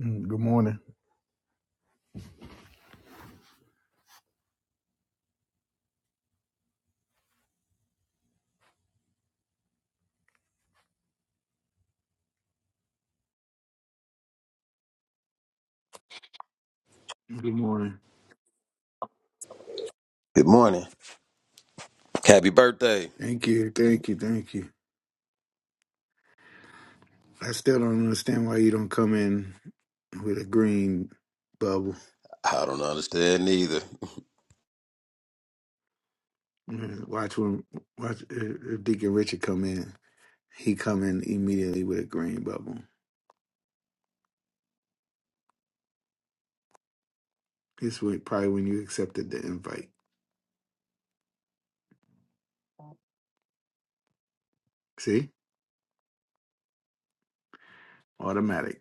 Mm, Good morning. Good morning. Good morning. Happy birthday. Thank you, thank you, thank you. I still don't understand why you don't come in with a green bubble. I don't understand neither. Mm, Watch when watch if if Deacon Richard come in. He come in immediately with a green bubble. This would probably when you accepted the invite. See, automatic.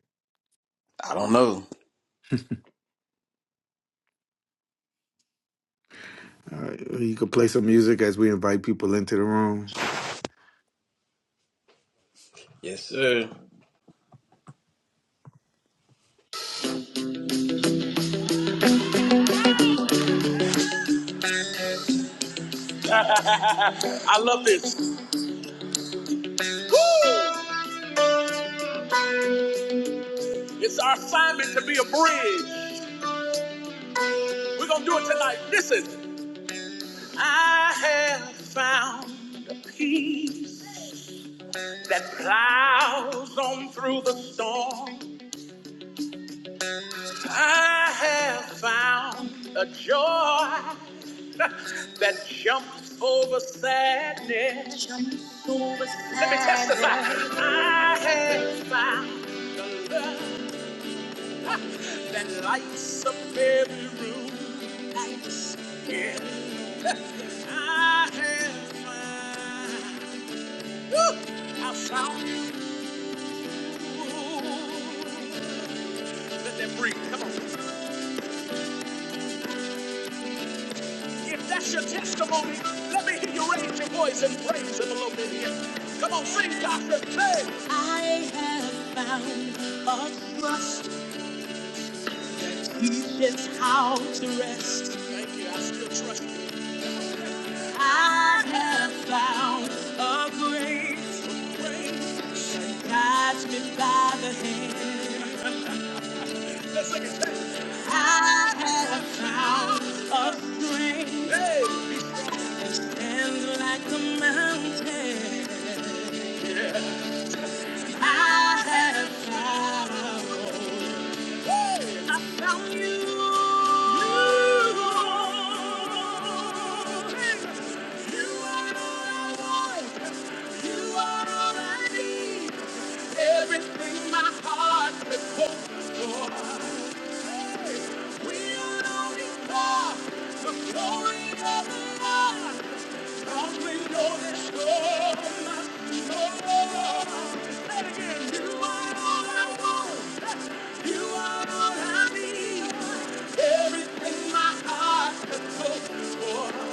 I don't know. All right, you can play some music as we invite people into the room. Yes, sir. I love this. It's our assignment to be a bridge. We're going to do it tonight. Listen. I have found a peace that plows on through the storm. I have found a joy that jumps over sadness. Jumps over Let me testify. sadness. I have found the love that lights up every room. Yeah, I have found. Woo! I found you. Let that breathe. Come on. If that's your testimony, let me hear you raise your voice and praise him a little bit here. Come on, sing, Doctor. Hey. I have found a trust. It's how to rest. Thank you. I still trust you. I have found a grace, a grace that guides me by the hand. I have found a strength, hey. and like a mountain, yeah. I have found. I found you. You are all I want. You are all I need. Everything my heart could hope for. We are on this The glory of the Lord. Only know this my soul. You are all I want. You are all I need. Everything my heart has hoped for,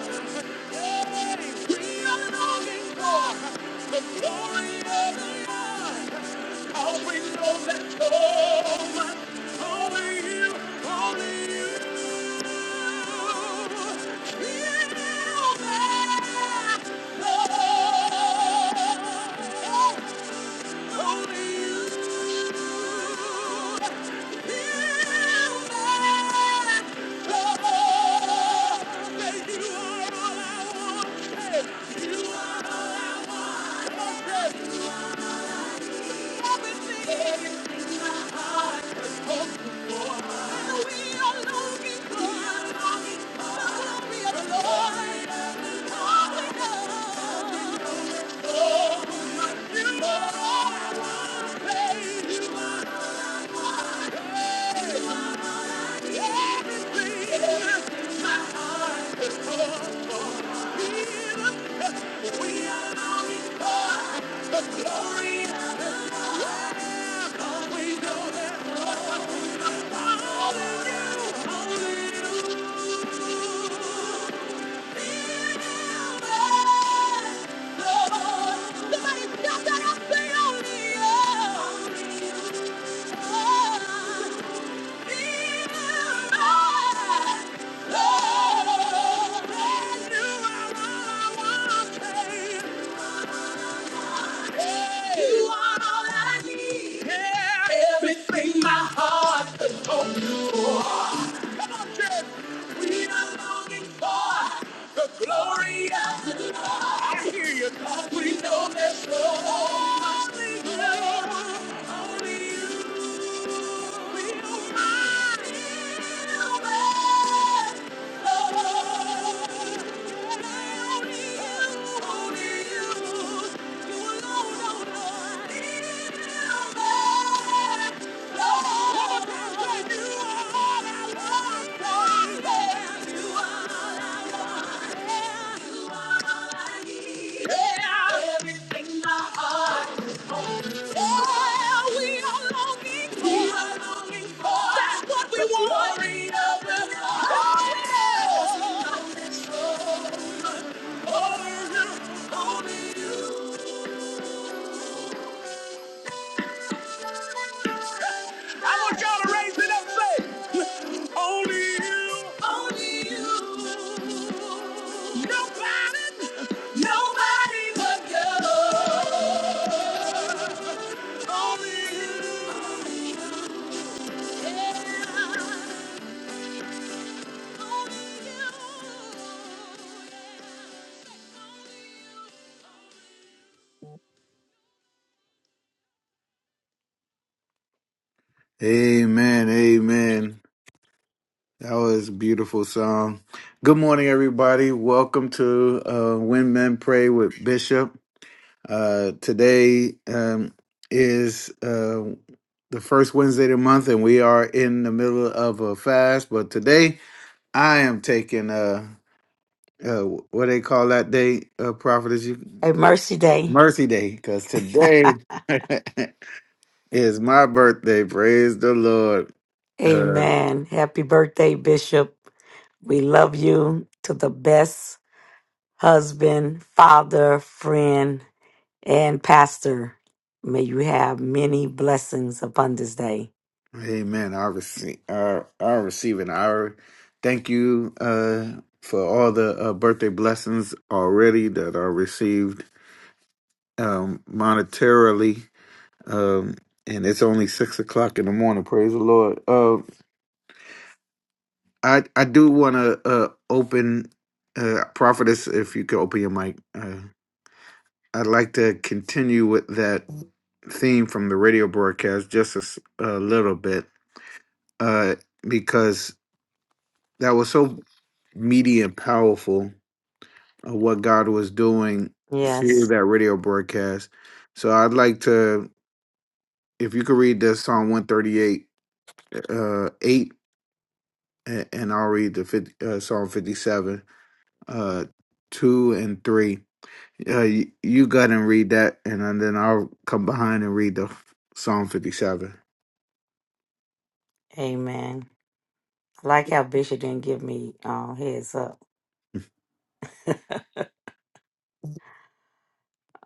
Hey, we are longing for the glory of the Lord. All we know that home, only you, only you. Feel that love. Lord. Hallelujah, hallelujah. Hey! You are all I need. Yeah. Everything my heart has longed for. Come on, church. We are longing for the glory of the Lord. I hear you. God, we know there's so much love. Only you will find. it. Yeah. Everything my heart Oh, we are longing for. We are longing for. That's what we the want. Glory of the Lord. Oh, yes. I want y'all to raise it up, and say, only you, only you, nobody, nobody but God, only you. Amen, amen. That was a beautiful song. Good morning, everybody. Welcome to uh, When Men Pray with Bishop. Uh, today um, is uh, the first Wednesday of the month, and we are in the middle of a fast. But today, I am taking uh, uh, what they call that day, uh, Prophetess you, A mercy day. Mercy Day, because today is my birthday. Praise the Lord. Uh, Amen. Happy birthday, Bishop. We love you to the best husband, father, friend, and pastor. May you have many blessings upon this day. Amen. I receive. I, I receive it. I thank you uh, for all the uh, birthday blessings already that are received um, monetarily. Um, and it's only six o'clock in the morning. Praise the Lord. Uh, I I do want to uh, open, uh, prophetess, if you could open your mic. Uh, I'd like to continue with that theme from the radio broadcast just a, s- a little bit uh, because that was so meaty and powerful of what God was doing through Yes. that radio broadcast. So I'd like to, if you could read the Psalm 138, uh, 8, a- and I'll read the 50, uh, Psalm 57, uh, 2 and 3. Uh, you, you go ahead and read that, and then I'll come behind and read the Psalm 57. Amen. I like how Bishop didn't give me uh, heads up.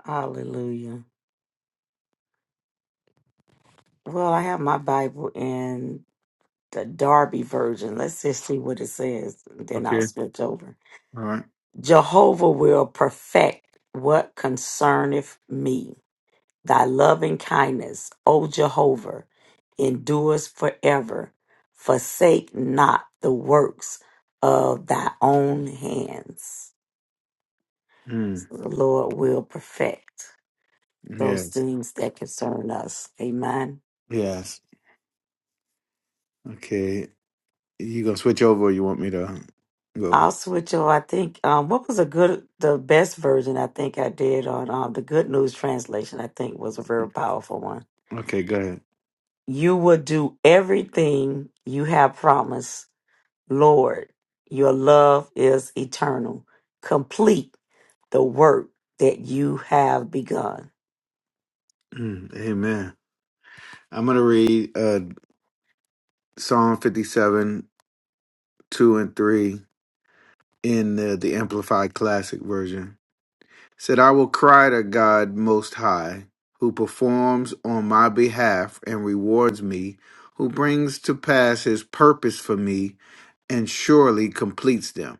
Hallelujah. Well, I have my Bible in the Darby version. Let's just see what it says. Then I'll Okay. switch over. All right. Jehovah will perfect what concerneth me. Thy loving kindness, O Jehovah, endures forever. Forsake not the works of thy own hands. Mm. The Lord will perfect those Yes. things that concern us. Amen. Yes. Okay. You gonna switch over or you want me to go? Also, with you, I think um, what was a good, the best version I think I did on um, the Good News translation. I think was a very powerful one. Okay, go ahead. you will do everything you have promised. Lord, your love is eternal. Complete the work that you have begun. Mm. Amen. I'm gonna read uh Psalm fifty seven, two and three in the, the amplified classic version. said, I will cry to God Most High, who performs on my behalf and rewards me, who brings to pass his purpose for me and surely completes them.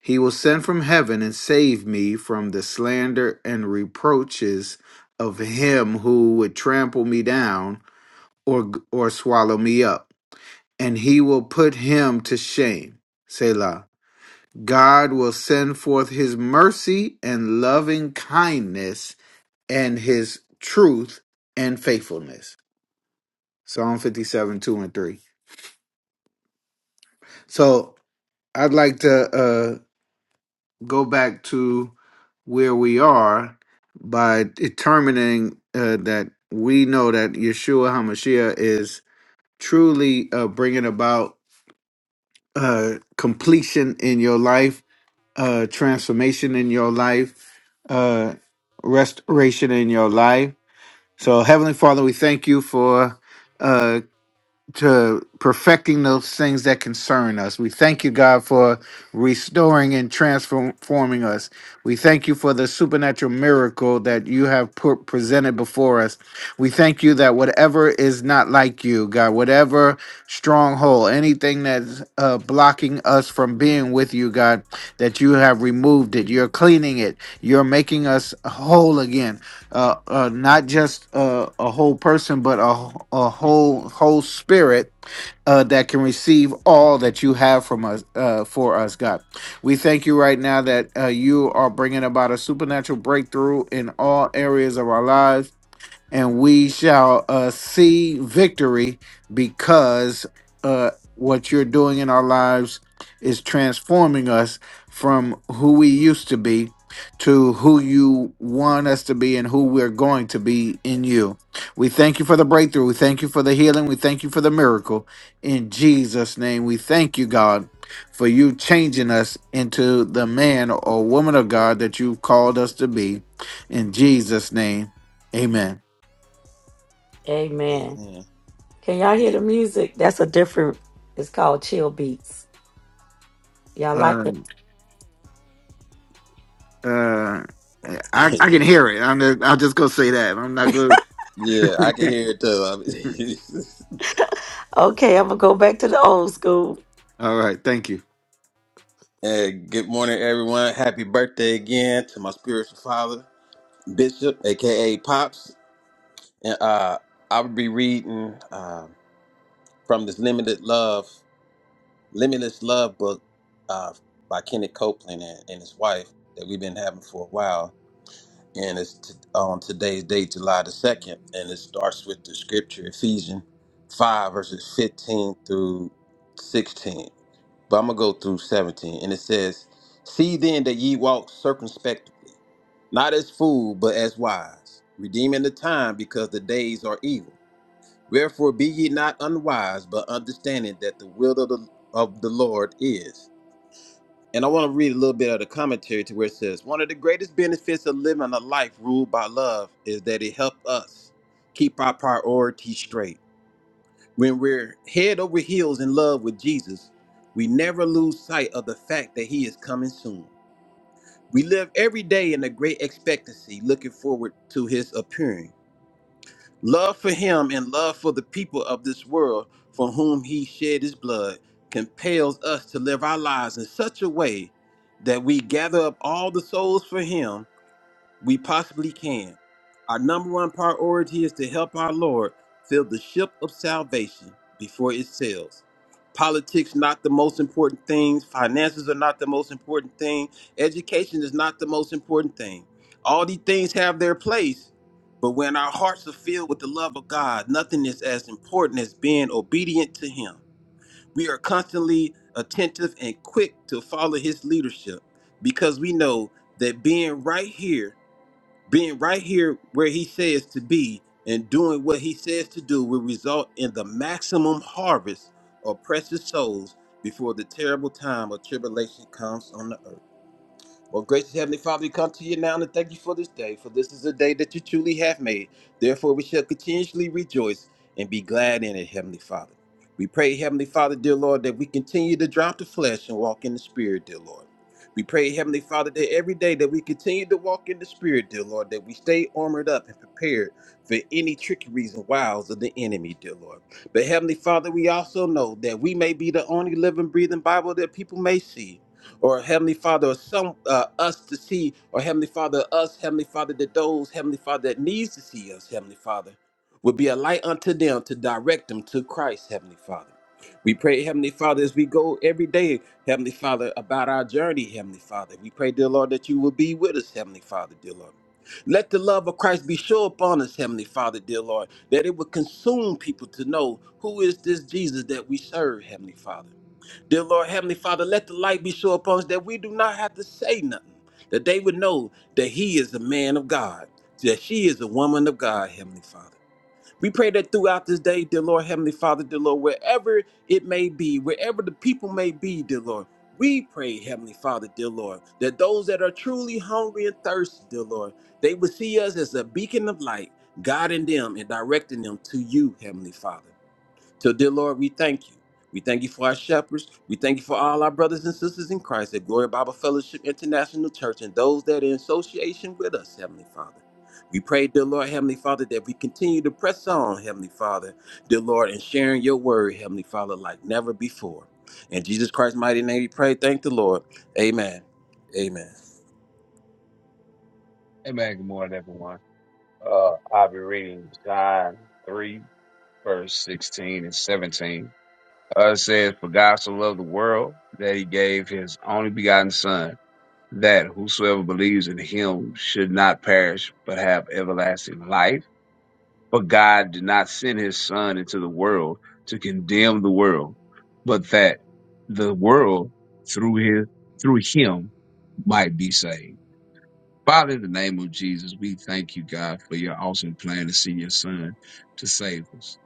He will send from heaven and save me from the slander and reproaches of him who would trample me down or, or swallow me up, and he will put him to shame. Selah. God will send forth his mercy and loving kindness and his truth and faithfulness. Psalm 57, 2 and 3. So I'd like to uh, go back to where we are by determining uh, that we know that Yeshua HaMashiach is truly uh, bringing about uh, completion in your life, uh, transformation in your life, uh, restoration in your life. So, Heavenly Father, we thank you for. uh, to perfecting those things that concern us. We thank you, God, for restoring and transforming us. We thank you for the supernatural miracle that you have put, presented before us. We thank you that whatever is not like you, God, whatever stronghold, anything that's uh, blocking us from being with you, God, that you have removed it. You're cleaning it. You're making us whole again uh, uh, not just uh, a whole person, but a, a whole whole spirit uh, that can receive all that you have from us uh, for us, God. We thank you right now that uh, you are bringing about a supernatural breakthrough in all areas of our lives and we shall uh, see victory because uh, what you're doing in our lives is transforming us from who we used to be to who you want us to be and who we're going to be in you. We thank you for the breakthrough. We thank you for the healing. We thank you for the miracle. In Jesus' name, we thank you, God, for you changing us into the man or woman of God that you've called us to be. In Jesus' name, amen. Amen. Amen. Can y'all hear the music? That's a different, it's called chill beats. Y'all like it? Um, uh, I I can hear it. I'm just, I'll just go say that. I'm not good. yeah, I can hear it too. Okay, I'm going to go back to the old school. All right, thank you. and good morning, everyone. Happy birthday again to my spiritual father, Bishop, aka Pops. And uh, I will be reading um from this Limited Love, Limitless Love book uh, by Kenneth Copeland and, and his wife that we've been having for a while. and it's t- on today's day, July the 2nd, and it starts with the scripture, Ephesians 5, verses 15 through 16. But I'm going to go through 17, and it says, See then that ye walk circumspectly, not as fools, but as wise, redeeming the time because the days are evil. Wherefore be ye not unwise, but understanding that the will of the, of the Lord is. And I want to read a little bit of the commentary to where it says one of the greatest benefits of living a life ruled by love is that it helps us keep our priorities straight. When we're head over heels in love with Jesus, we never lose sight of the fact that he is coming soon. We live every day in a great expectancy, looking forward to his appearing. Love for him and love for the people of this world for whom he shed his blood compels us to live our lives in such a way that we gather up all the souls for him we possibly can. Our number one priority is to help our Lord fill the ship of salvation before it sails. Politics not the most important thing, finances are not the most important thing, education is not the most important thing. All these things have their place, but when our hearts are filled with the love of God, nothing is as important as being obedient to him. We are constantly attentive and quick to follow his leadership because we know that being right here being right here where he says to be and doing what he says to do will result in the maximum harvest of precious souls before the terrible time of tribulation comes on the earth. Well, gracious Heavenly Father, we come to you now and thank you for this day, for this is a day that you truly have made. Therefore, we shall continuously rejoice and be glad in it, Heavenly Father. We pray, Heavenly Father, dear Lord, that we continue to drop the flesh and walk in the Spirit, dear Lord. We pray, Heavenly Father, that every day that we continue to walk in the Spirit, dear Lord, that we stay armored up and prepared for any trickeries and wiles of the enemy, dear Lord. But Heavenly Father, we also know that we may be the only living, breathing Bible that people may see or Heavenly Father, or some uh, us to see, or Heavenly Father, us, Heavenly Father, that those, Heavenly Father, that needs to see us, Heavenly Father, would be a light unto them to direct them to Christ, Heavenly Father. We pray, Heavenly Father, as we go every day, Heavenly Father, about our journey, Heavenly Father. We pray, dear Lord, that you will be with us, Heavenly Father, dear Lord. Let the love of Christ be sure upon us, Heavenly Father, dear Lord, that it would consume people to know who is this Jesus that we serve, Heavenly Father. Dear Lord, Heavenly Father, let the light be so upon us that we do not have to say nothing, that they would know that He is a man of God, that she is a woman of God, Heavenly Father. We pray that throughout this day, dear Lord, Heavenly Father, dear Lord, wherever it may be, wherever the people may be, dear Lord, we pray, Heavenly Father, dear Lord, that those that are truly hungry and thirsty, dear Lord, they would see us as a beacon of light, guiding them and directing them to you, Heavenly Father. So, dear Lord, we thank you. We thank you for our shepherds. We thank you for all our brothers and sisters in Christ at Glory Bible Fellowship International Church and those that are in association with us, Heavenly Father. We pray, dear Lord, Heavenly Father, that we continue to press on, Heavenly Father, dear Lord, and sharing your word, Heavenly Father, like never before. In Jesus Christ's mighty name, we pray. Thank the Lord. Amen. Amen. Hey man, good morning everyone. Uh, I'll be reading John 3, verse 16 and 17. Uh, it says, For God so loved the world that he gave his only begotten son, that whosoever believes in him should not perish, but have everlasting life. But God did not send his son into the world to condemn the world, but that the world through his, through him might be saved. Father, in the name of Jesus, we thank you, God, for your awesome plan to send your son to save us.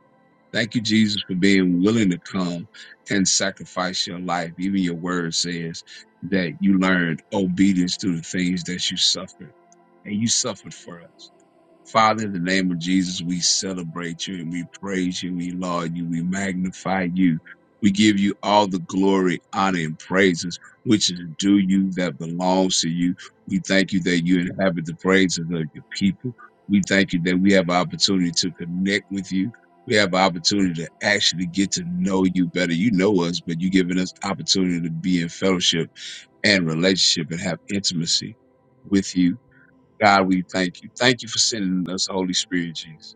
Thank you, Jesus, for being willing to come and sacrifice your life. Even your word says that you learned obedience through the things that you suffered, and you suffered for us. Father, in the name of Jesus, we celebrate you and we praise you and we laud you. We magnify you. We give you all the glory, honor, and praises which is due you that belongs to you. We thank you that you inhabit the praises of your people. We thank you that we have an opportunity to connect with you. We have an opportunity to actually get to know you better. You know us, but you've given us opportunity to be in fellowship and relationship and have intimacy with you God, we thank you. Thank you for sending us, Holy Spirit, Jesus.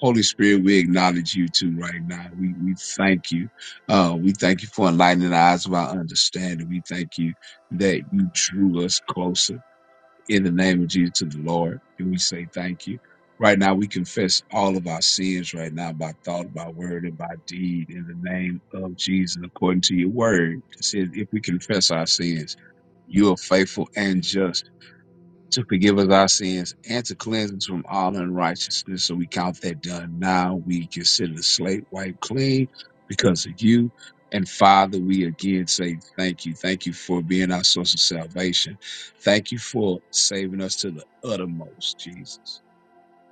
Holy Spirit, we acknowledge you too right now. We we thank you. Uh, we thank you for enlightening the eyes of our understanding. We thank you that you drew us closer in the name of Jesus to the Lord. And we say thank you. Right now, we confess all of our sins right now by thought, by word, and by deed in the name of Jesus, according to your word. It says, if we confess our sins, you are faithful and just to forgive us our sins and to cleanse us from all unrighteousness. So we count that done now. We consider the slate wiped clean because of you. And Father, we again say thank you. Thank you for being our source of salvation. Thank you for saving us to the uttermost, Jesus.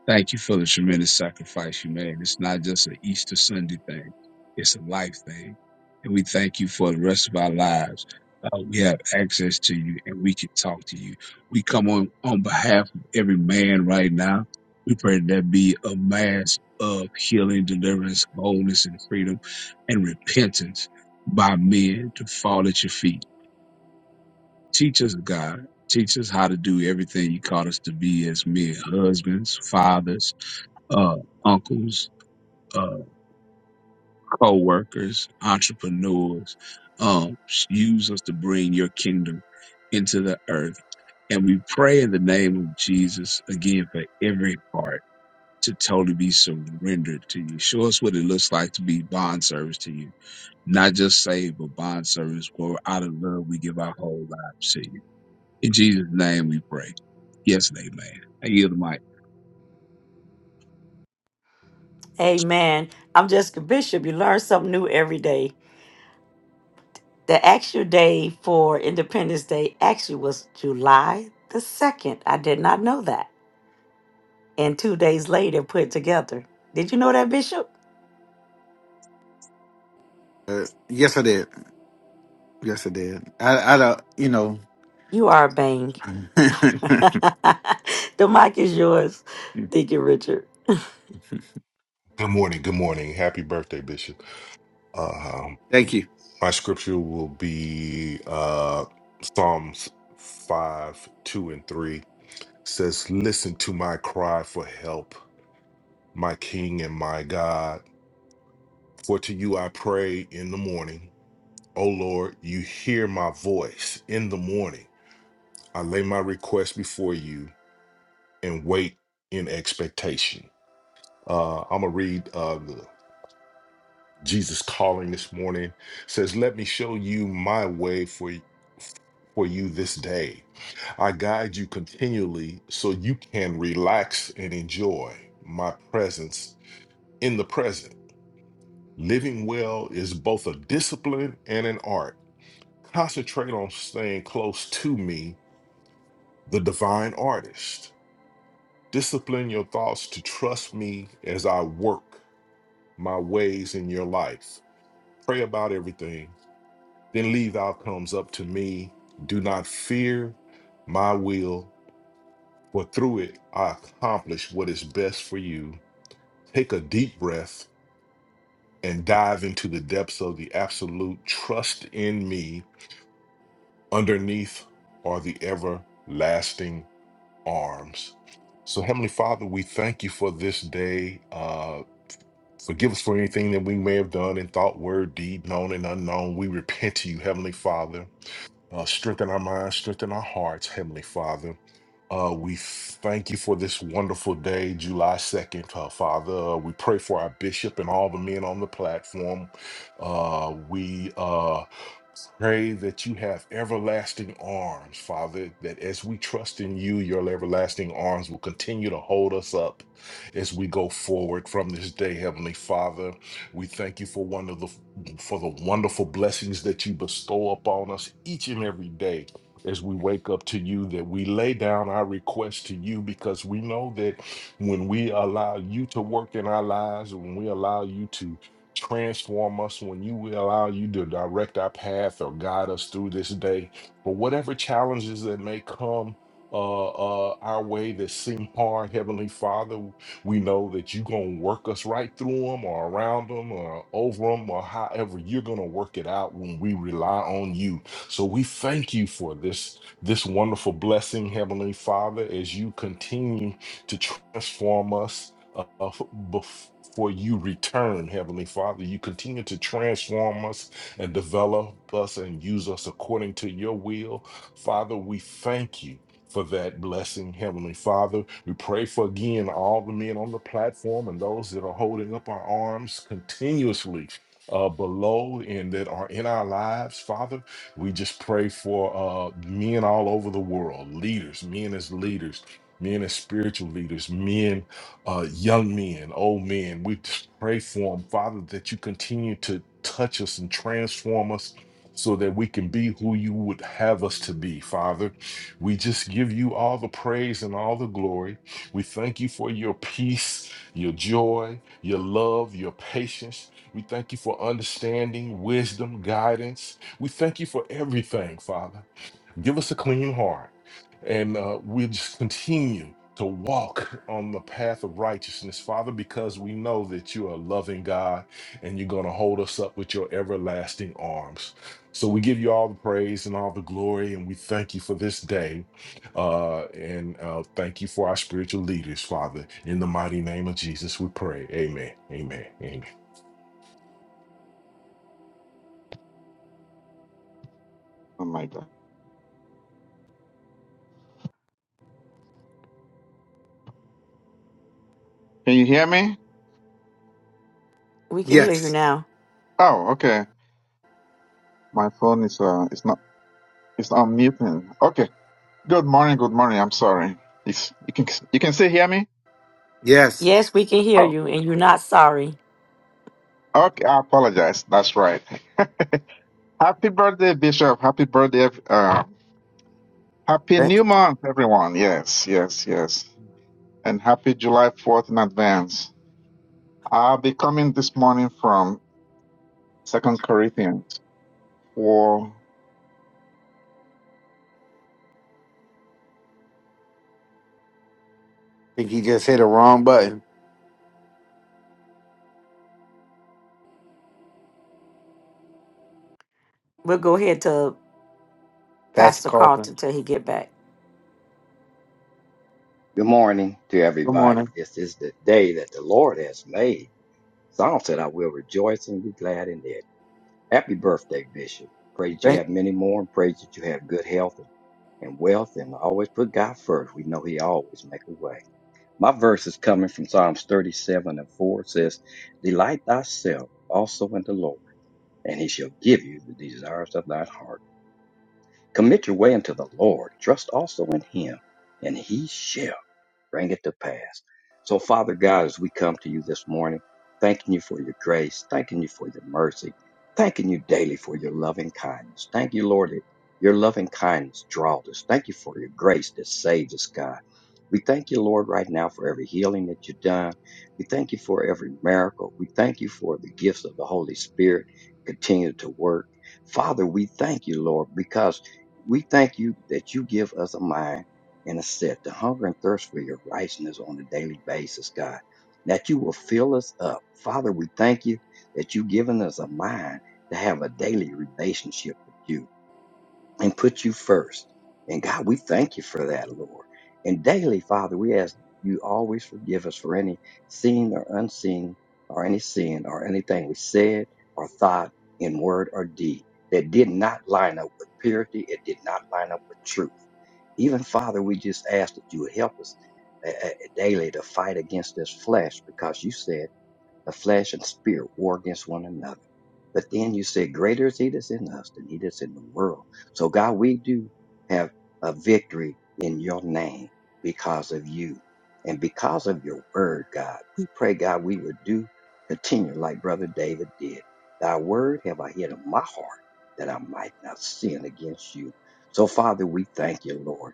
Thank you for the tremendous sacrifice you made. It's not just an Easter Sunday thing, it's a life thing. And we thank you for the rest of our lives. Uh, we have access to you and we can talk to you. We come on on behalf of every man right now. We pray that there be a mass of healing, deliverance, boldness, and freedom and repentance by men to fall at your feet. Teach us, God. Teach us how to do everything you called us to be as men, husbands, fathers, uh, uncles, uh, co-workers, entrepreneurs. Um, use us to bring your kingdom into the earth. And we pray in the name of Jesus again for every heart to totally be surrendered to you. Show us what it looks like to be bond service to you, not just saved, but bond service where out of love we give our whole lives to you. In Jesus' name we pray. Yes, and amen. I yield the mic. Amen. I'm Jessica Bishop. You learn something new every day. The actual day for Independence Day actually was July the 2nd. I did not know that. and two days later put together. Did you know that, Bishop? Uh, yes, I did. Yes, I did. I I don't. You know. You are a bang. the mic is yours, Deacon Richard. Good morning. Good morning. Happy birthday, Bishop. Um, thank you. my scripture will be uh, Psalms 5, 2, and 3 says, Listen to my cry for help, my King and my God. For to you I pray in the morning. O Lord, you hear my voice in the morning. I lay my request before you and wait in expectation. Uh, I'm going to read Uh, Jesus calling this morning says, "Let me show you my way for y- for you this day. I guide you continually so you can relax and enjoy my presence in the present. Living well is both a discipline and an art. Concentrate on staying close to me, the divine artist. Discipline your thoughts to trust me as I work my ways in your life. Pray about everything Then leave outcomes up to me. Do not fear my will, for through it I accomplish what is best for you. Take a deep breath and dive into the depths of the absolute trust in me. Underneath are the everlasting arms. So, Heavenly Father, we thank you for this day. Uh, forgive us for anything that we may have done in thought, word, deed, known, and unknown. We repent to you, Heavenly Father. Uh, strengthen our minds, strengthen our hearts, Heavenly Father. Uh, we thank you for this wonderful day, July 2nd, uh, Father. Uh, we pray for our bishop and all the men on the platform. Uh, we uh, Pray that you have everlasting arms, Father, that as we trust in you, your everlasting arms will continue to hold us up as we go forward from this day, Heavenly Father. We thank you for one of the for the wonderful blessings that you bestow upon us each and every day as we wake up to you, that we lay down our request to you because we know that when we allow you to work in our lives, when we allow you to Transform us when you will allow you to direct our path or guide us through this day. For whatever challenges that may come uh, uh, our way that seem hard, Heavenly Father, we know that you're going to work us right through them or around them or over them or however you're going to work it out when we rely on you. So we thank you for this, this wonderful blessing, Heavenly Father, as you continue to transform us uh, f- before you return, Heavenly Father. You continue to transform us and develop us and use us according to your will. Father, we thank you. For that blessing, Heavenly Father. We pray for again all the men on the platform and those that are holding up our arms continuously uh, below and that are in our lives, Father. We just pray for uh, men all over the world, leaders, men as leaders, men as spiritual leaders, men uh, young men, old men. We just pray for them, Father, that you continue to touch us and transform us so that we can be who you would have us to be, Father. We just give you all the praise and all the glory. We thank you for your peace, your joy, your love, your patience. We thank you for understanding, wisdom, guidance. We thank you for everything, Father. Give us a clean heart, and uh, we just continue to walk on the path of righteousness, Father, because we know that you are a loving God and you're going to hold us up with your everlasting arms. So we give you all the praise and all the glory, and we thank you for this day. Uh, and uh, thank you for our spiritual leaders, Father. In the mighty name of Jesus, we pray. Amen. Amen. Amen. Oh my God. Can you hear me? We can hear you Yes. now. Oh, okay. My phone is uh, it's not, it's on mute. and- Okay. Good morning. Good morning. I'm sorry. It's, you can, you can still hear me? Yes. Yes, we can hear Oh, you, and you're not sorry. okay. I apologize. That's right. Happy birthday, Bishop. Happy birthday. ev- Uh, happy I new month, everyone. Yes, yes, yes. And happy July 4th in advance. I'll be coming this morning from Second Corinthians 4. think he just hit a wrong button. We'll go ahead to Pastor Pastor Coffin. Carlton till he get back. Good morning to Good everybody. morning. This is the day that the Lord has made. Psalm said, I will rejoice and be glad in it. Happy birthday, Bishop. Pray that you Thank. have many more and pray that you have good health and wealth and always put God first. We know He always make a way. My verse is coming from Psalms 37 and 4. It says, Delight thyself also in the Lord, and He shall give you the desires of thine heart. Commit your way unto the Lord. Trust also in Him, and He shall. Bring it to pass. So, Father God, as we come to you this morning, thanking you for your grace, thanking you for your mercy, thanking you daily for your loving kindness. Thank you, Lord, that your loving kindness draws us. Thank you for your grace that saves us, God. We thank you, Lord, right now for every healing that you've done. We thank you for every miracle. We thank you for the gifts of the Holy Spirit continue to work. Father, we thank you, Lord, because we thank you that you give us a mind and it said, The hunger and thirst for your righteousness on a daily basis, God, that you will fill us up. Father, we thank you that you've given us a mind to have a daily relationship with you and put you first. And God, we thank you for that, Lord. And daily, Father, we ask you always forgive us for any seen or unseen or any sin or anything we said or thought in word or deed that did not line up with purity. It did not line up with truth. Even Father, we just ask that you would help us uh, uh, daily to fight against this flesh because you said the flesh and spirit war against one another. But then you said, greater is he that's in us than he that's in the world. So God, we do have a victory in your name because of you and because of your word, God. We pray, God, we would do continue like brother David did. Thy word have I hid in my heart that I might not sin against you. So Father, we thank you, Lord.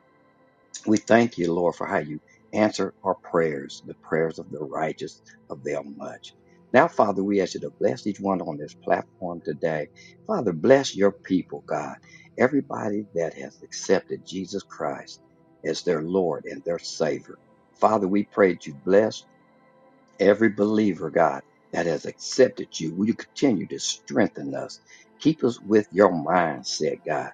We thank you, Lord, for how you answer our prayers. The prayers of the righteous avail much. Now, Father, we ask you to bless each one on this platform today. Father, bless your people, God. Everybody that has accepted Jesus Christ as their Lord and their Savior. Father, we pray that you bless every believer, God, that has accepted you. Will you continue to strengthen us? Keep us with your mindset, God.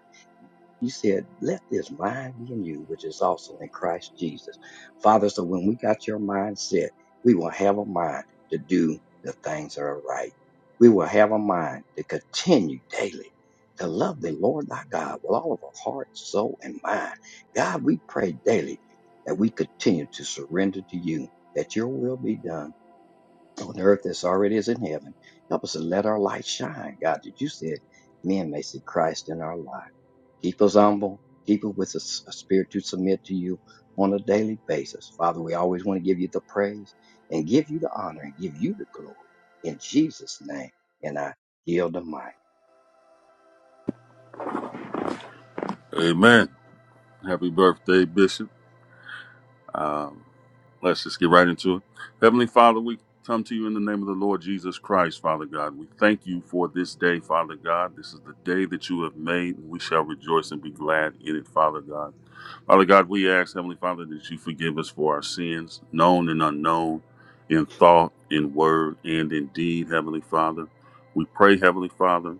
You said, let this mind be in you, which is also in Christ Jesus. Father, so when we got your mindset, we will have a mind to do the things that are right. We will have a mind to continue daily to love the Lord thy God with all of our heart, soul, and mind. God, we pray daily that we continue to surrender to you, that your will be done on earth as already is in heaven. Help us to let our light shine, God, that you said men may see Christ in our lives. Keep us humble. Keep us with a, s- a spirit to submit to you on a daily basis. Father, we always want to give you the praise and give you the honor and give you the glory in Jesus' name. And I yield the mic. Amen. Happy birthday, Bishop. Um, let's just get right into it. Heavenly Father, we come to you in the name of the Lord Jesus Christ, Father God. We thank you for this day, Father God. This is the day that you have made, and we shall rejoice and be glad in it, Father God. Father God, we ask, Heavenly Father, that you forgive us for our sins, known and unknown, in thought, in word, and in deed, Heavenly Father. We pray, Heavenly Father.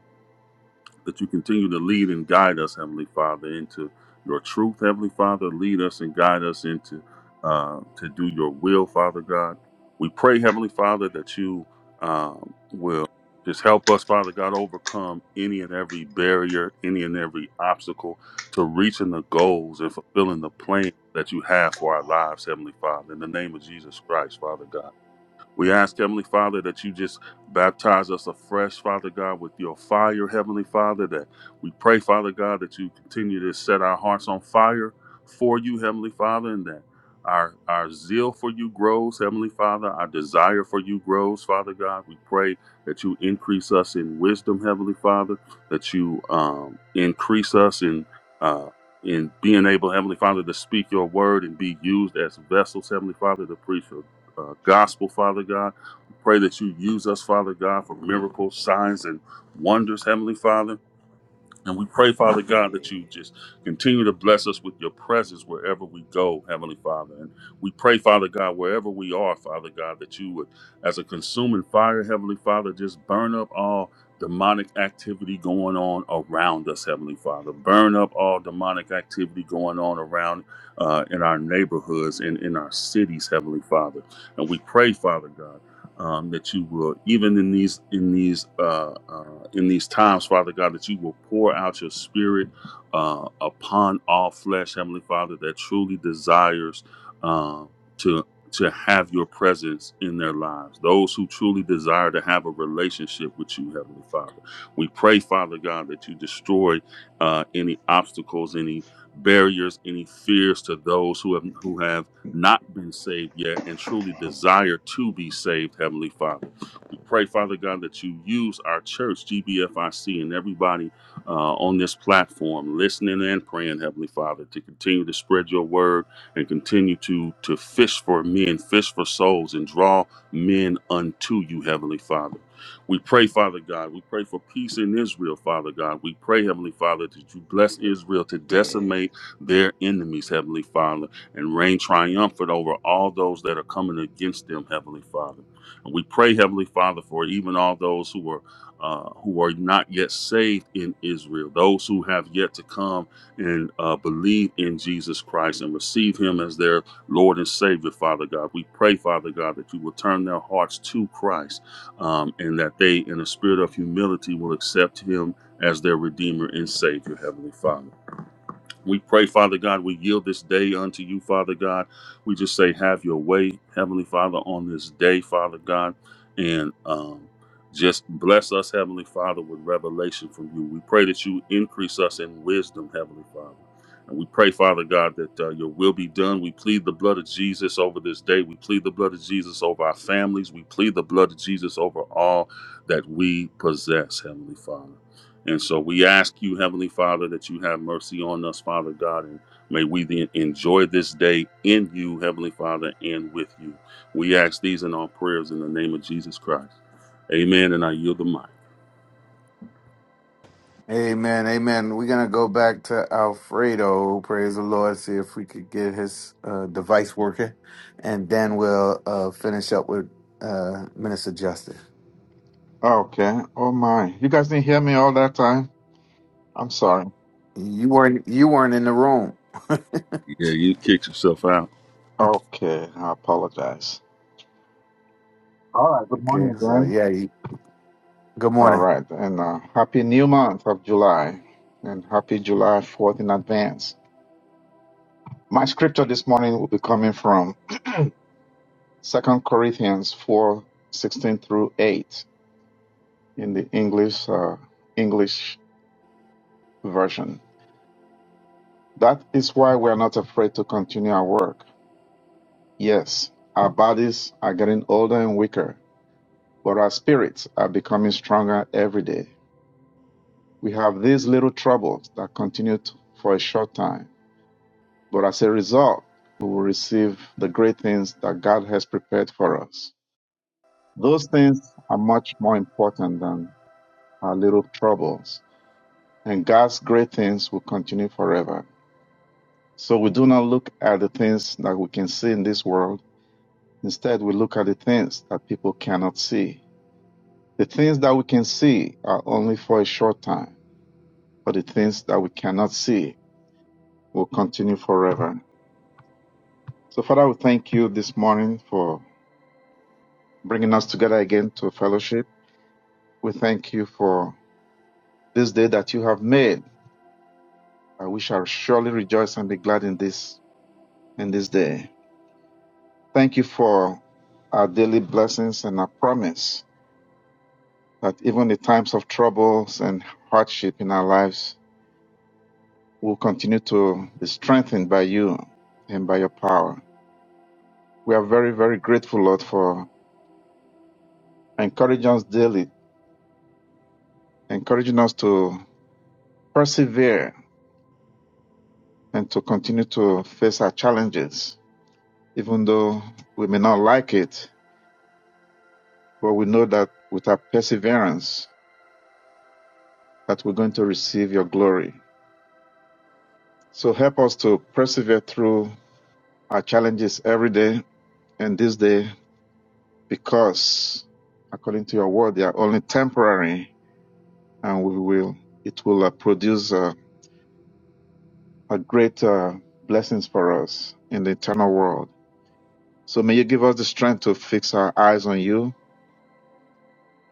that you continue to lead and guide us, Heavenly Father, into your truth, Heavenly Father. Lead us and guide us into uh, to do your will, Father God. We pray, Heavenly Father, that you um, will just help us, Father God, overcome any and every barrier, any and every obstacle to reaching the goals and fulfilling the plan that you have for our lives, Heavenly Father. In the name of Jesus Christ, Father God. We ask, Heavenly Father, that you just baptize us afresh, Father God, with your fire, Heavenly Father. That we pray, Father God, that you continue to set our hearts on fire for you, Heavenly Father, and that our our zeal for you grows, Heavenly Father. Our desire for you grows, Father God. We pray that you increase us in wisdom, Heavenly Father. That you um, increase us in uh, in being able, Heavenly Father, to speak your word and be used as vessels, Heavenly Father, to preach your uh, gospel, Father God. We pray that you use us, Father God, for miracles, signs, and wonders, Heavenly Father. And we pray, Father God, that Yeah. you just continue to bless us with your presence wherever we go, Heavenly Father. And we pray, Father God, wherever we are, Father God, that you would, as a consuming fire, Heavenly Father, just burn up all demonic activity going on around us, Heavenly Father. Burn up all demonic activity going on around uh, in our neighborhoods and in our cities, Heavenly Father. And we pray, Father God um, that you will even in these in these uh, uh, in these times father god that you will pour out your spirit uh, upon all flesh heavenly father that truly desires uh, to to have your presence in their lives those who truly desire to have a relationship with you heavenly father we pray father god that you destroy uh, any obstacles any barriers any fears to those who have who have not been saved yet and truly desire to be saved, Heavenly Father. We pray, Father God, that you use our church, GBFIC, and everybody uh, on this platform, listening and praying, Heavenly Father, to continue to spread your word and continue to, to fish for men, fish for souls, and draw men unto you, Heavenly Father. We pray, Father God. We pray for peace in Israel, Father God. We pray, Heavenly Father, that you bless Israel to Yeah. decimate their enemies, Heavenly Father and reign triumphant over all those that are coming against them, Heavenly Father. And we pray, Heavenly Father, for even all those who are uh, who are not yet saved in Israel, those who have yet to come and uh, believe in Jesus Christ and receive Him as their Lord and Savior, Father God. We pray, Father God, that you will turn their hearts to Christ um, and that they, in a spirit of humility, will accept Him as their Redeemer and Savior, Heavenly Father. We pray, Father God, we yield this day unto you, Father God. We just say, have your way, Heavenly Father, on this day, Father God. And um, just bless us, Heavenly Father, with revelation from you. We pray that you increase us in wisdom, Heavenly Father. And we pray, Father God, that uh, your will be done. We plead the blood of Jesus over this day. We plead the blood of Jesus over our families. We plead the blood of Jesus over all that we possess, Heavenly Father. And so we ask you, Heavenly Father, that you have mercy on us, Father God, and may we then enjoy this day in you, Heavenly Father, and with you. We ask these in our prayers in the name of Jesus Christ. Amen. And I yield the mic. Amen. Amen. We're gonna go back to Alfredo. Praise the Lord. See if we could get his uh, device working, and then we'll uh, finish up with uh, Minister Justice. Okay. Oh my. You guys didn't hear me all that time? I'm sorry. You weren't you weren't in the room. Yeah, you kicked yourself out. Okay, I apologize. All right, good morning Okay, so again. yeah, you, good All morning. right, and uh, happy new month of July, and happy July 4th in advance. My scripture this morning will be coming from Second Corinthians 4 16 through 8 in the English, uh, English version. That is why we are not afraid to continue our work. Yes, our bodies are getting older and weaker, but our spirits are becoming stronger every day. We have these little troubles that continue t- for a short time, but as a result, we will receive the great things that God has prepared for us. Those things are much more important than our little troubles, and God's great things will continue forever. So we do not look at the things that we can see in this world. Instead, we look at the things that people cannot see. The things that we can see are only for a short time, but the things that we cannot see will continue forever. So, Father, we thank you this morning for bringing us together again to fellowship. We thank you for this day that you have made. and We shall surely rejoice and be glad in this in this day. Thank you for our daily blessings and our promise that even in times of troubles and hardship in our lives, we'll continue to be strengthened by you and by your power. We are very, very grateful, Lord, for encouraging us daily, encouraging us to persevere and to continue to face our challenges, even though we may not like it, but we know that with our perseverance that we're going to receive your glory. So help us to persevere through our challenges every day and this day because according to your word, they are only temporary and we will, it will uh, produce uh, a great uh, blessings for us in the eternal world. So may you give us the strength to fix our eyes on you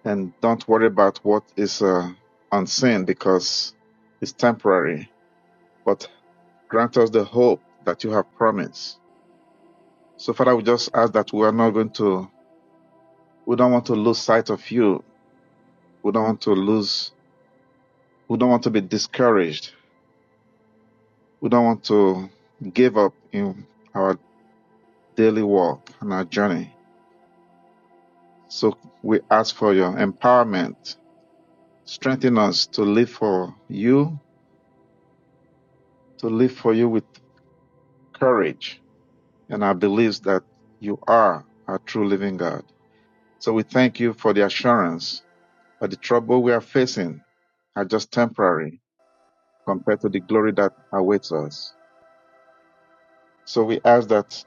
and don't worry about what is uh, unseen because it's temporary. But grant us the hope that you have promised. So, Father, we just ask that we are not going to, we don't want to lose sight of you. We don't want to lose, we don't want to be discouraged. We don't want to give up in our daily walk and our journey. So, we ask for your empowerment. Strengthen us to live for you, to live for you with courage and our beliefs that you are our true living God. So we thank you for the assurance that the trouble we are facing are just temporary compared to the glory that awaits us. So we ask that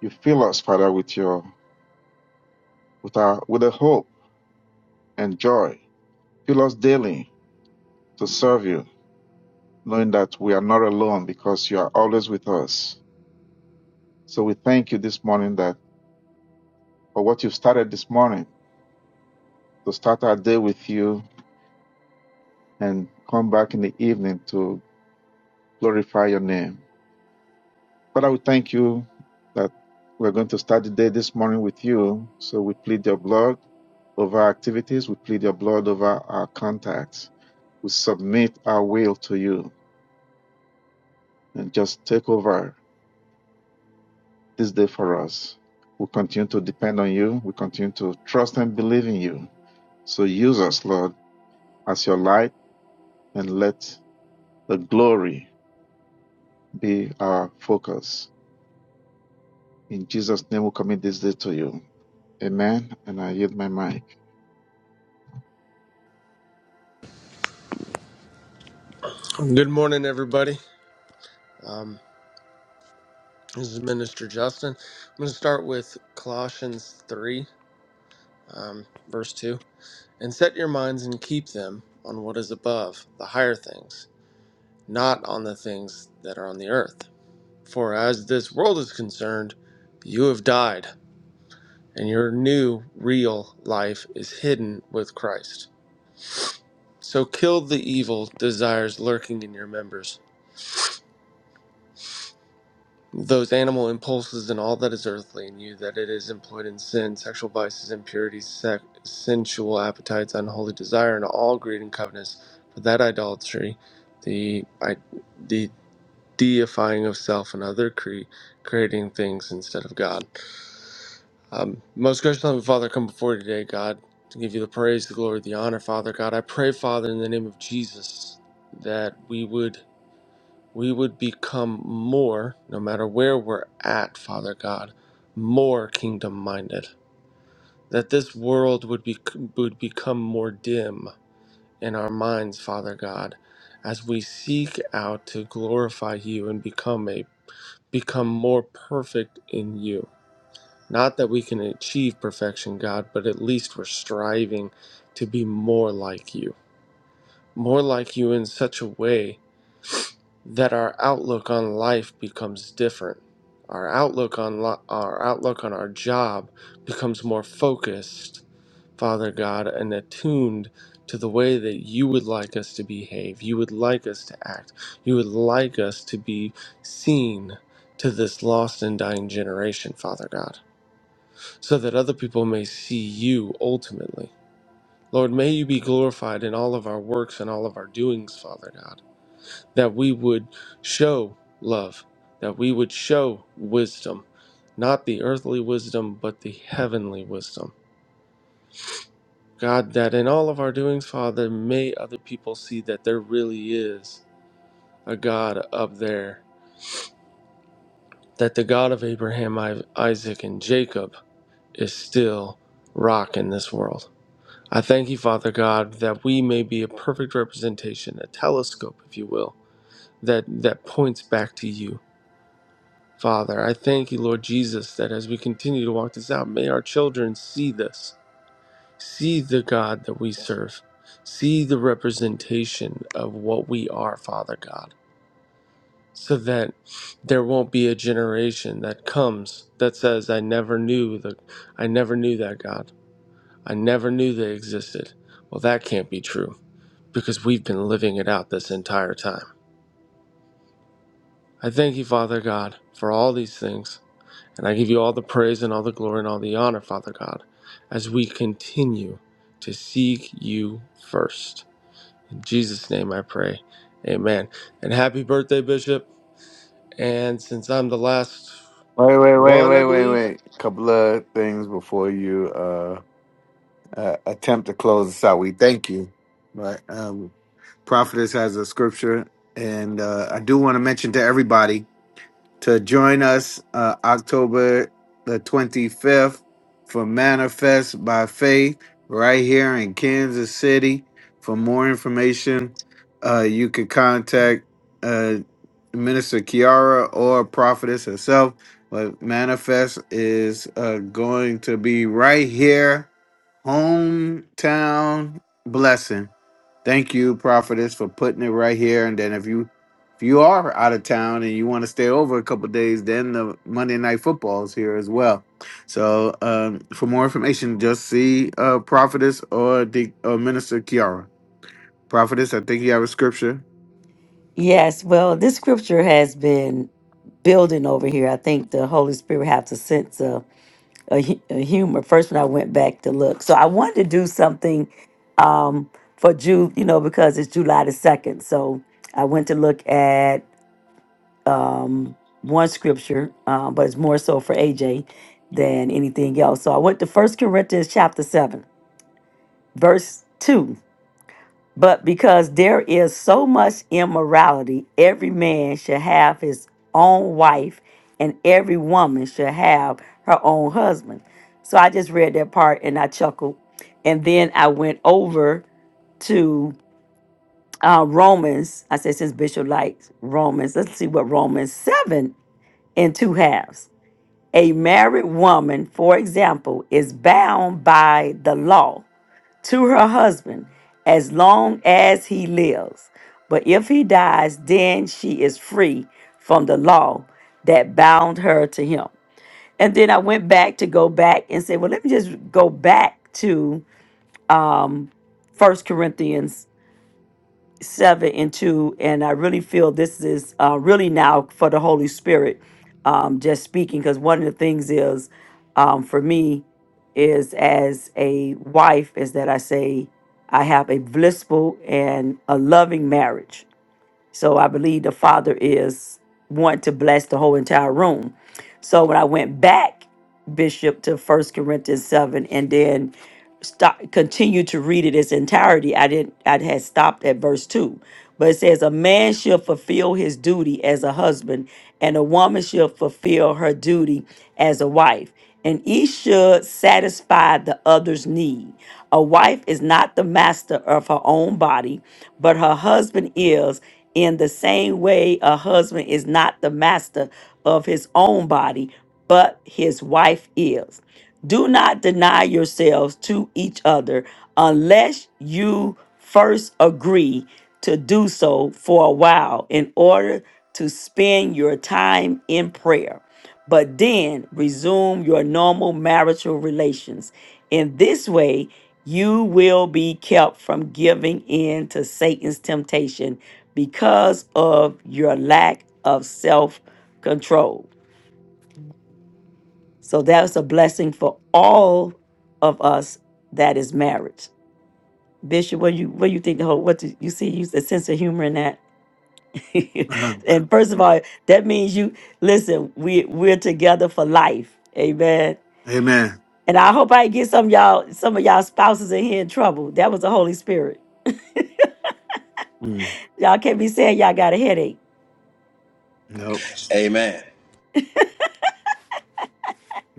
you fill us, Father, with your with our with a hope and joy. Fill us daily to serve you, knowing that we are not alone because you are always with us. So we thank you this morning that for what you've started this morning, to start our day with you and come back in the evening to glorify your name. But I would thank you that we're going to start the day this morning with you. So we plead your blood over our activities. We plead your blood over our contacts. We submit our will to you and just take over this day for us. We continue to depend on you. We continue to trust and believe in you. So use us, Lord, as your light and let the glory be our focus. In Jesus' name, we commit this day to you. Amen. And I yield my mic. Good morning, everybody. Um, this is Minister Justin. I'm going to start with Colossians 3, um, verse 2. And set your minds and keep them on what is above, the higher things, not on the things that are on the earth. For as this world is concerned, you have died, and your new, real life is hidden with Christ. So kill the evil desires lurking in your members those animal impulses and all that is earthly in you, that it is employed in sin, sexual vices, impurities, sec- sensual appetites, unholy desire, and all greed and covetousness. For that idolatry, the I, the deifying of self and other cre- creating things instead of God. Um, most gracious Heavenly Father, come before you today, God, to give you the praise, the glory, the honor, Father God. I pray, Father, in the name of Jesus, that we would we would become more, no matter where we're at, Father God, more kingdom minded. That this world would be would become more dim in our minds, Father God, as we seek out to glorify you and become a become more perfect in you. Not that we can achieve perfection, God, but at least we're striving to be more like you. More like you in such a way that our outlook on life becomes different. Our outlook on lo- our outlook on our job becomes more focused, Father God, and attuned to the way that you would like us to behave, you would like us to act, you would like us to be seen to this lost and dying generation, Father God, so that other people may see you ultimately. Lord, may you be glorified in all of our works and all of our doings, Father God that we would show love, that we would show wisdom, not the earthly wisdom, but the heavenly wisdom. God, that in all of our doings, Father, may other people see that there really is a God up there, that the God of Abraham, I- Isaac, and Jacob is still rock in this world. I thank you, Father God, that we may be a perfect representation, a telescope, if you will, that, that points back to you Father, I thank you, Lord Jesus, that as we continue to walk this out, may our children see this, see the God that we serve, see the representation of what we are, Father God, so that there won't be a generation that comes that says, I never knew the I never knew that God. I never knew they existed. Well, that can't be true because we've been living it out this entire time. I thank you, Father God, for all these things. And I give you all the praise and all the glory and all the honor, Father God, as we continue to seek you first. In Jesus' name I pray. Amen. And happy birthday, Bishop. And since I'm the last Wait, wait, wait, one, I wait, wait, believe. wait. A Couple of things before you uh, uh attempt to close us out. We thank you. But um prophetess has a scripture and uh I do want to mention to everybody to join us uh, October the 25th for Manifest by Faith right here in Kansas City. For more information, uh, you could contact uh, Minister Kiara or Prophetess herself. But Manifest is uh, going to be right here, hometown blessing. Thank you, prophetess, for putting it right here. And then if you if you are out of town and you want to stay over a couple days, then the Monday night football is here as well. So um, for more information, just see uh, prophetess or the or minister Kiara. Prophetess, I think you have a scripture. Yes, well, this scripture has been building over here. I think the Holy Spirit has a sense of. a, hu- a humor first when I went back to look. So I wanted to do something um, for Ju, you know, because it's July the 2nd. So I went to look at one scripture, um, but it's more so for AJ than anything else. So I went to First Corinthians chapter 7, verse 2. But because there is so much immorality, every man shall have his own wife, and every woman shall have her own husband. So I just read that part and I chuckled. And then I went over to uh, Romans. I said, since Bishop likes Romans, let's see what Romans 7 in two halves. A married woman, for example, is bound by the law to her husband as long as he lives. But if he dies, then she is free from the law that bound her to him. And then I went back to go back and say, well, let me just go back to First Corinthians 7 and 2 and i really feel this is uh, really now for the holy spirit um, just speaking because one of the things is um, for me is as a wife is that i say i have a blissful and a loving marriage so I believe the Father is wanting to bless the whole entire room. So when I went back, Bishop, to First Corinthians seven, and then stop, continue to read it its entirety, I didn't. I had stopped at verse two, but it says, "A man shall fulfill his duty as a husband, and a woman shall fulfill her duty as a wife." And each should satisfy the other's need. A wife is not the master of her own body, but her husband is, in the same way, a husband is not the master of his own body, but his wife is. Do not deny yourselves to each other unless you first agree to do so for a while in order to spend your time in prayer but then resume your normal marital relations. In this way, you will be kept from giving in to Satan's temptation because of your lack of self control. So that's a blessing for all of us that is married. Bishop, what you what you think the whole what do you see you a sense of humor in that? Uh-huh. and first of all, that means you listen, we we're together for life. Amen. Amen. And I hope I get some of y'all, some of y'all spouses in here in trouble. That was the Holy Spirit. Mm, Y'all can't be saying y'all got a headache. nope. Amen.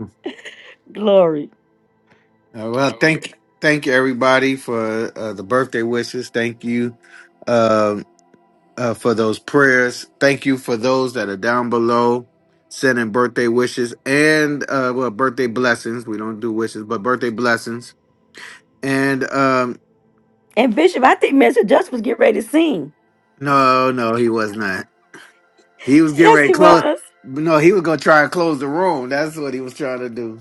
Uh, Glory. well, thank thank you everybody for uh, the birthday wishes. Thank you. um, uh, for those prayers. Thank you for those that are down below sending birthday wishes and uh, well, birthday blessings. We don't do wishes, but birthday blessings. And um, And Bishop, I think Minister Justin was getting ready to sing. no, no, he was not. He was getting Yes, ready to he close. was. No, he was gonna try and close the room. That's what he was trying to do.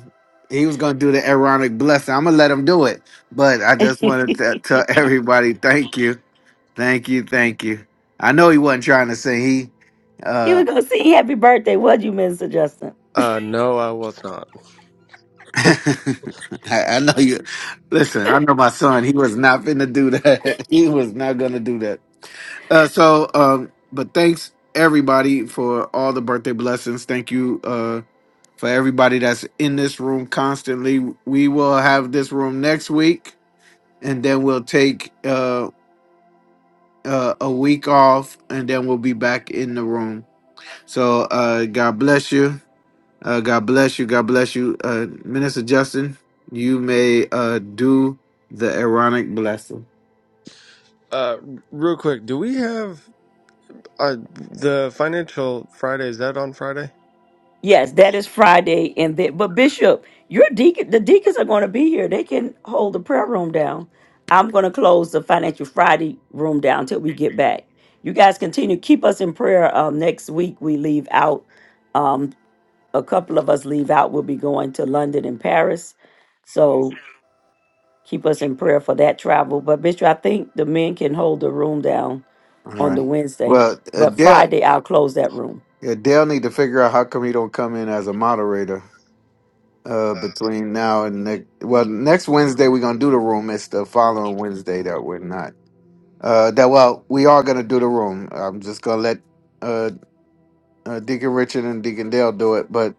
He was gonna do the ironic blessing. I'm gonna let him do it. But I just wanted to tell everybody, thank you, thank you, thank you. I know he wasn't trying to say he. He uh, was gonna sing happy birthday, was you, Minister Justin? Uh, no, I was not. I, I know you. Listen, I know my son. He was not finna do that. He was not gonna do that. Uh, so, um, but thanks everybody for all the birthday blessings. Thank you, uh, for everybody that's in this room constantly. We will have this room next week, and then we'll take uh, uh a week off, and then we'll be back in the room. So, uh, God bless you. Uh, God bless you. God bless you. Uh, Minister Justin, you may uh, do the Aaronic blessing. Uh, real quick, do we have uh, the financial Friday? Is that on Friday? Yes, that is Friday. And that but Bishop, your deacon the deacons are gonna be here. They can hold the prayer room down. I'm gonna close the financial Friday room down until we get back. You guys continue keep us in prayer. Um, next week we leave out um, a couple of us leave out. We'll be going to London and Paris. So keep us in prayer for that travel. But Bishop, I think the men can hold the room down All on right. the Wednesday. Well, uh, But Dale, Friday I'll close that room. uh, Dale need to figure out how come he don't come in as a moderator uh, between now and next. Well, next Wednesday we're gonna do the room. It's the following Wednesday that we're not. Uh, that well, we are gonna do the room. I'm just gonna let uh uh, Deacon Richard and Deacon Dale do it, but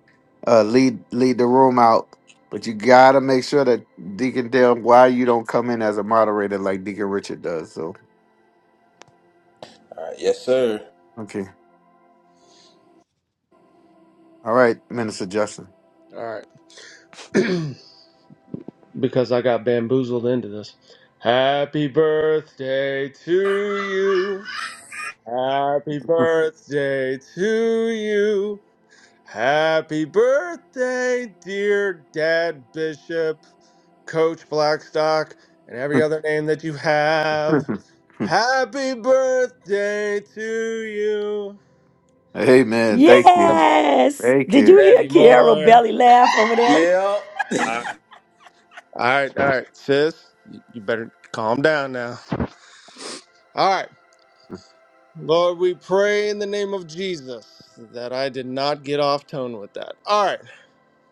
uh, lead lead the room out. But you gotta make sure that Deacon Dale, why you don't come in as a moderator like Deacon Richard does. So All right. Yes, sir. okay, all right, Minister Justin. All right. because I got bamboozled into this. Happy birthday to you. Happy birthday to you. Happy birthday, dear Dad Bishop, Coach Blackstock, and every other name that you have. Happy birthday to you. Amen. Thank you. And Yes. Thank Did you. you hear many Kiara more. belly laugh over there? Yeah. All right, all right, sis. You you better calm down now. All right. Lord, we pray in the name of Jesus that I did not get off tone with that. All right.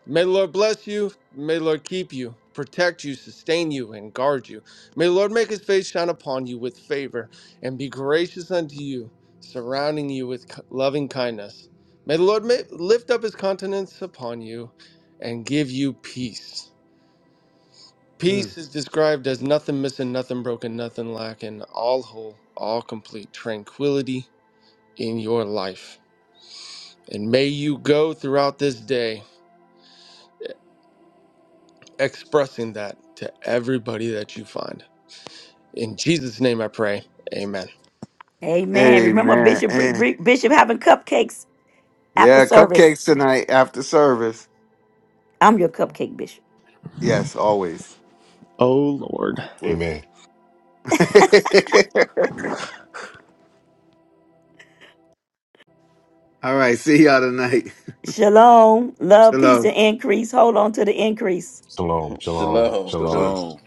May the Lord bless you. May the Lord keep you, protect you, sustain you, and guard you. May the Lord make his face shine upon you with favor and be gracious unto you, surrounding you with k- loving kindness. May the Lord ma- lift up his countenance upon you and give you peace. Mm. Peace is described as nothing missing, nothing broken, nothing lacking, all whole, all complete, tranquility in your life. And may you go throughout this day expressing that to everybody that you find. In Jesus' name I pray. Amen. Amen. Remember Amen. Bishop bring, Eh. bring, Bishop having cupcakes after Yeah, service. cupcakes tonight after service. I'm your cupcake bishop. Yes, always. Oh, Lord. Amen. all right. See y'all tonight. Shalom. Love, peace, Shalom. and increase. Hold on to the increase. Shalom. Shalom. Shalom. Shalom. Shalom. Shalom.